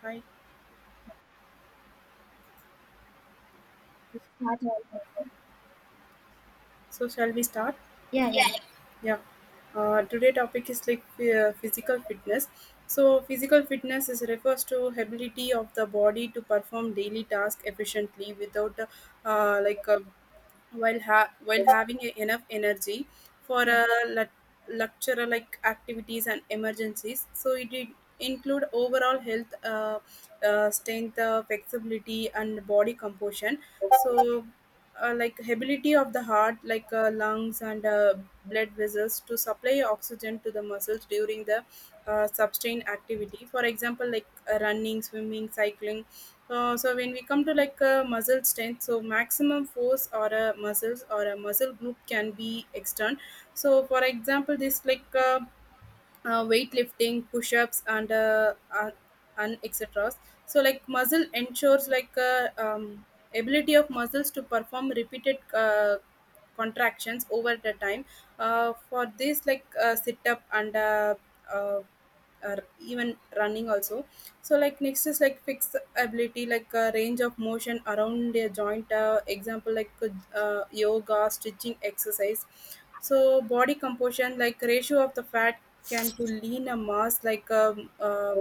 Hi. Start all. So shall we start? Yeah, yeah. Yeah. Today topic is like physical fitness. So physical fitness is refers to ability of the body to perform daily task efficiently without uh, like uh, while while having enough energy for Yeah. a lecturer like activities and emergencies, so it did include overall health, strength, flexibility and body composition. So like ability of the heart, like lungs and blood vessels to supply oxygen to the muscles during the sustained activity, for example like running, swimming, cycling. So when we come to like muscle strength, so maximum force or a muscles or a muscle group can be external. So for example, this like weightlifting, push-ups, and etc. So like muscle ensures like ability of muscles to perform repeated contractions over the time. For this like sit up and uh, even running also. So like next is like flexibility, like a range of motion around a joint. Example like yoga, stretching, exercise. So body composition, like ratio of the fat can to lean a mass like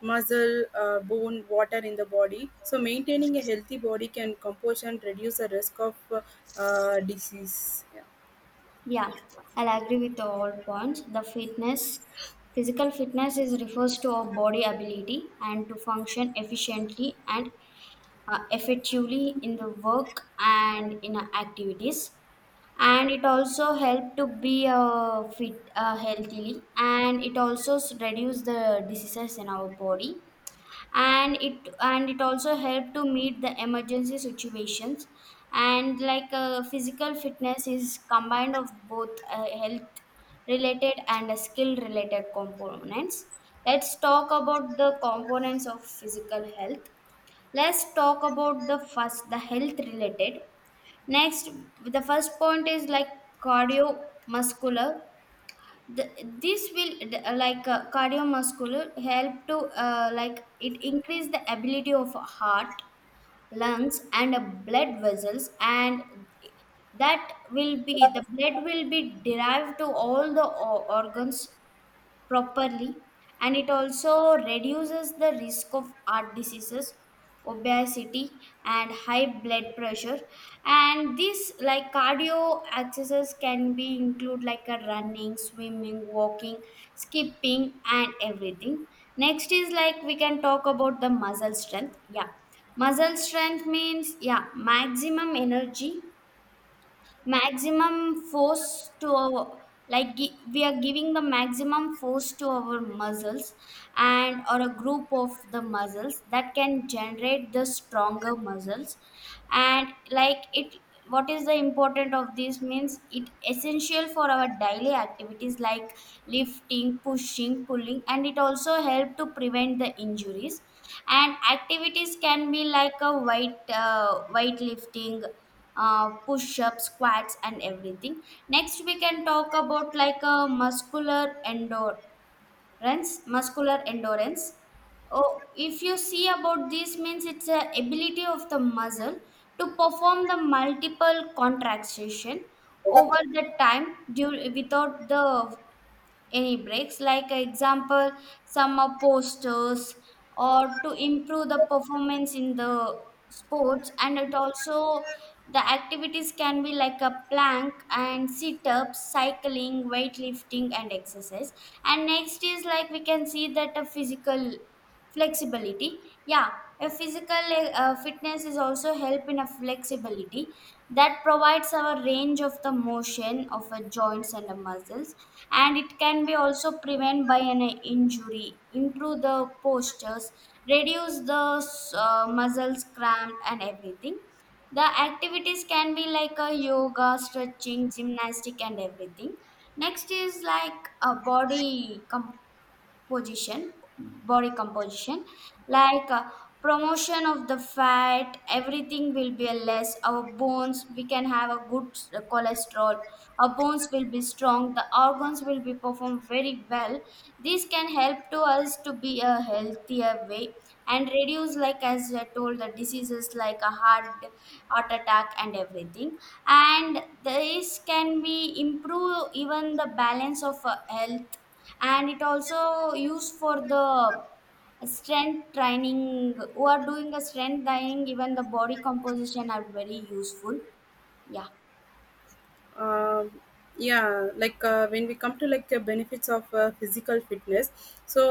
muscle, bone, water in the body. So maintaining a healthy body can composition reduce the risk of disease. Yeah. Yeah. I'll agree with all points. The fitness, physical fitness is refers to our body ability and to function efficiently and effectively in the work and in our activities. And it also help to be fit healthily, and it also reduce the diseases in our body, and it also helped to meet the emergency situations. And like physical fitness is combined of both health related and skill related components. Let's talk about the components of physical health. Let's talk about the first, the health related next. The first point is like cardiovascular. the, this will like cardiovascular help to like it increase the ability of heart, lungs and blood vessels, and that will be the blood will be derived to all the organs properly. And it also reduces the risk of heart diseases, obesity and high blood pressure. And this like cardio exercises can be include like a running, swimming, walking, skipping and everything. Next is like we can talk about the muscle strength. Yeah, muscle strength means, yeah, maximum energy, maximum force to our, we are giving the maximum force to our muscles and or a group of the muscles that can generate the stronger muscles. And like it, what is the important of this means, it essential for our daily activities like lifting, pushing, pulling, and it also help to prevent the injuries. And activities can be like a weight lifting, push-ups, squats and everything. Next we can talk about like a muscular endurance. Muscular endurance, oh, if you see about this means, it's a ability of the muscle to perform the multiple contraction over the time, due without the any breaks, like example summer posters, or to improve the performance in the sports. And it also, the activities can be like a plank and sit-ups, cycling, weightlifting and exercise. And next is like we can see that a physical flexibility. Yeah, a physical fitness is also help in a flexibility that provides our range of the motion of the joints and the muscles. And it can be also prevent by an injury, improve the postures, reduce the muscles cramp and everything. The activities can be like a yoga, stretching, gymnastic and everything. Next is like a body com position, body composition. Like promotion of the fat everything will be less, our bones we can have a good cholesterol, our bones will be strong, the organs will be performed very well. This can help to us to be a healthier way and reduce, like as I told, the diseases like a heart attack and everything. And this can be improve even the balance of health. And it also used for the strength training, who are doing the strength training, even the body composition are very useful. Yeah. um, yeah, like when we come to like benefits of physical fitness, so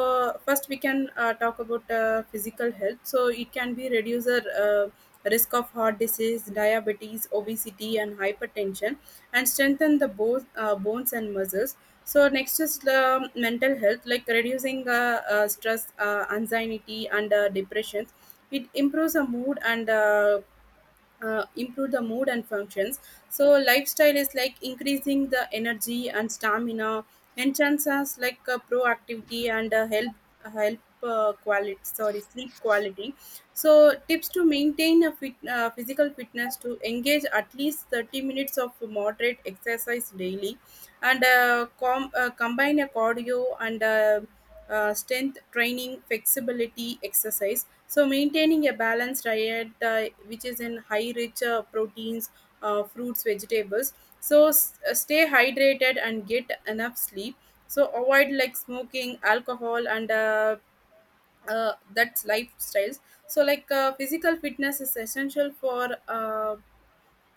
first we can talk about physical health, so it can be reduce the risk of heart disease, diabetes, obesity and hypertension, and strengthen the both bones and muscles. So next is the mental health, like reducing stress, anxiety and depression. It improves the mood and improve the mood and functions. So lifestyle is like increasing the energy and stamina, enhances like proactivity and help help quality, sorry, sleep quality. So tips to maintain a fit, physical fitness to engage at least 30 minutes of moderate exercise daily and combine a cardio and strength training, flexibility exercise. So maintaining a balanced diet, which is in high rich proteins, fruits, vegetables. So stay hydrated and get enough sleep. So avoid like smoking, alcohol, and that's lifestyles. So like physical fitness is essential for uh,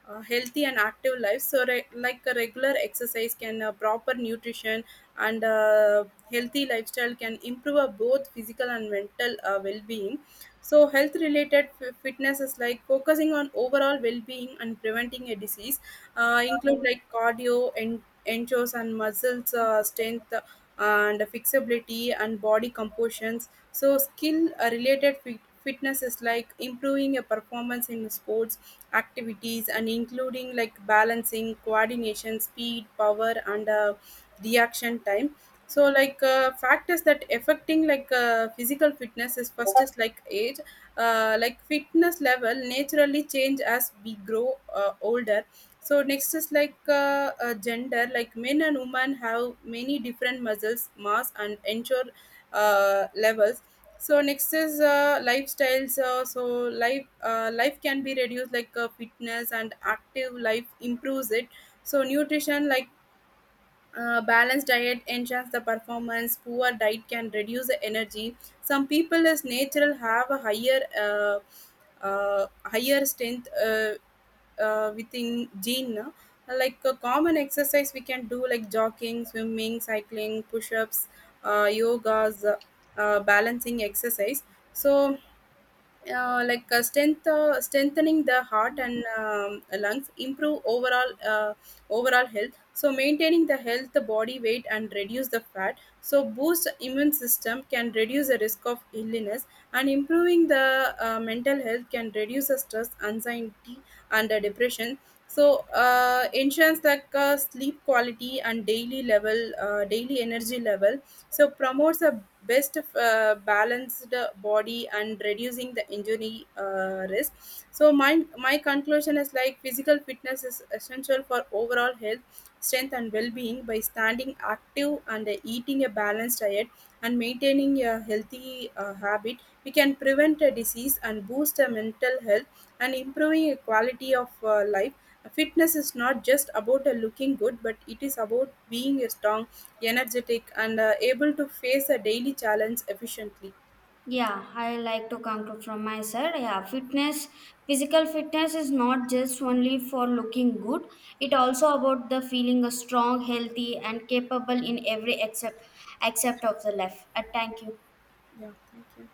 uh, healthy and active life, so like a regular exercise can, proper nutrition and healthy lifestyle can improve both physical and mental well-being. So health related fitness is like focusing on overall well-being and preventing a disease, include like cardio and enchos and muscles strength and flexibility and body compositions. So skill related fitness is like improving your performance in sports activities and including like balancing, coordination, speed, power and reaction time. So like factors that affecting like physical fitness is, first is like age, like fitness level naturally change as we grow older. So next is like gender, like men and women have many different muscles mass and ensure levels. So next is lifestyles, so life can be reduced, like fitness and active life improves it. So nutrition, like balanced diet enhances the performance. Poor diet can reduce the energy. Some people as natural have a higher higher strength within gene. No? Like a common exercise we can do, like jogging, swimming, cycling, push-ups, yogas, balancing exercise. So strengthening the heart and lungs, improve overall health. So maintaining the health, the body weight and reduce the fat, so boost immune system can reduce the risk of illness, and improving the mental health can reduce the stress, anxiety and the depression. So ensures like sleep quality and daily energy level. So promotes a best balanced body and reducing the injury risk. So my conclusion is like physical fitness is essential for overall health, strength and well-being. By standing active and eating a balanced diet and maintaining a healthy habit, we can prevent a disease and boost a mental health and improving a quality of life. Fitness is not just about looking good, but it is about being strong, energetic, and able to face a daily challenge efficiently. Yeah, I like to conclude from my side. Yeah, fitness, physical fitness is not just only for looking good, it also about the feeling a strong, healthy and capable in every accept, accept of the life. Thank you. Yeah, thank you.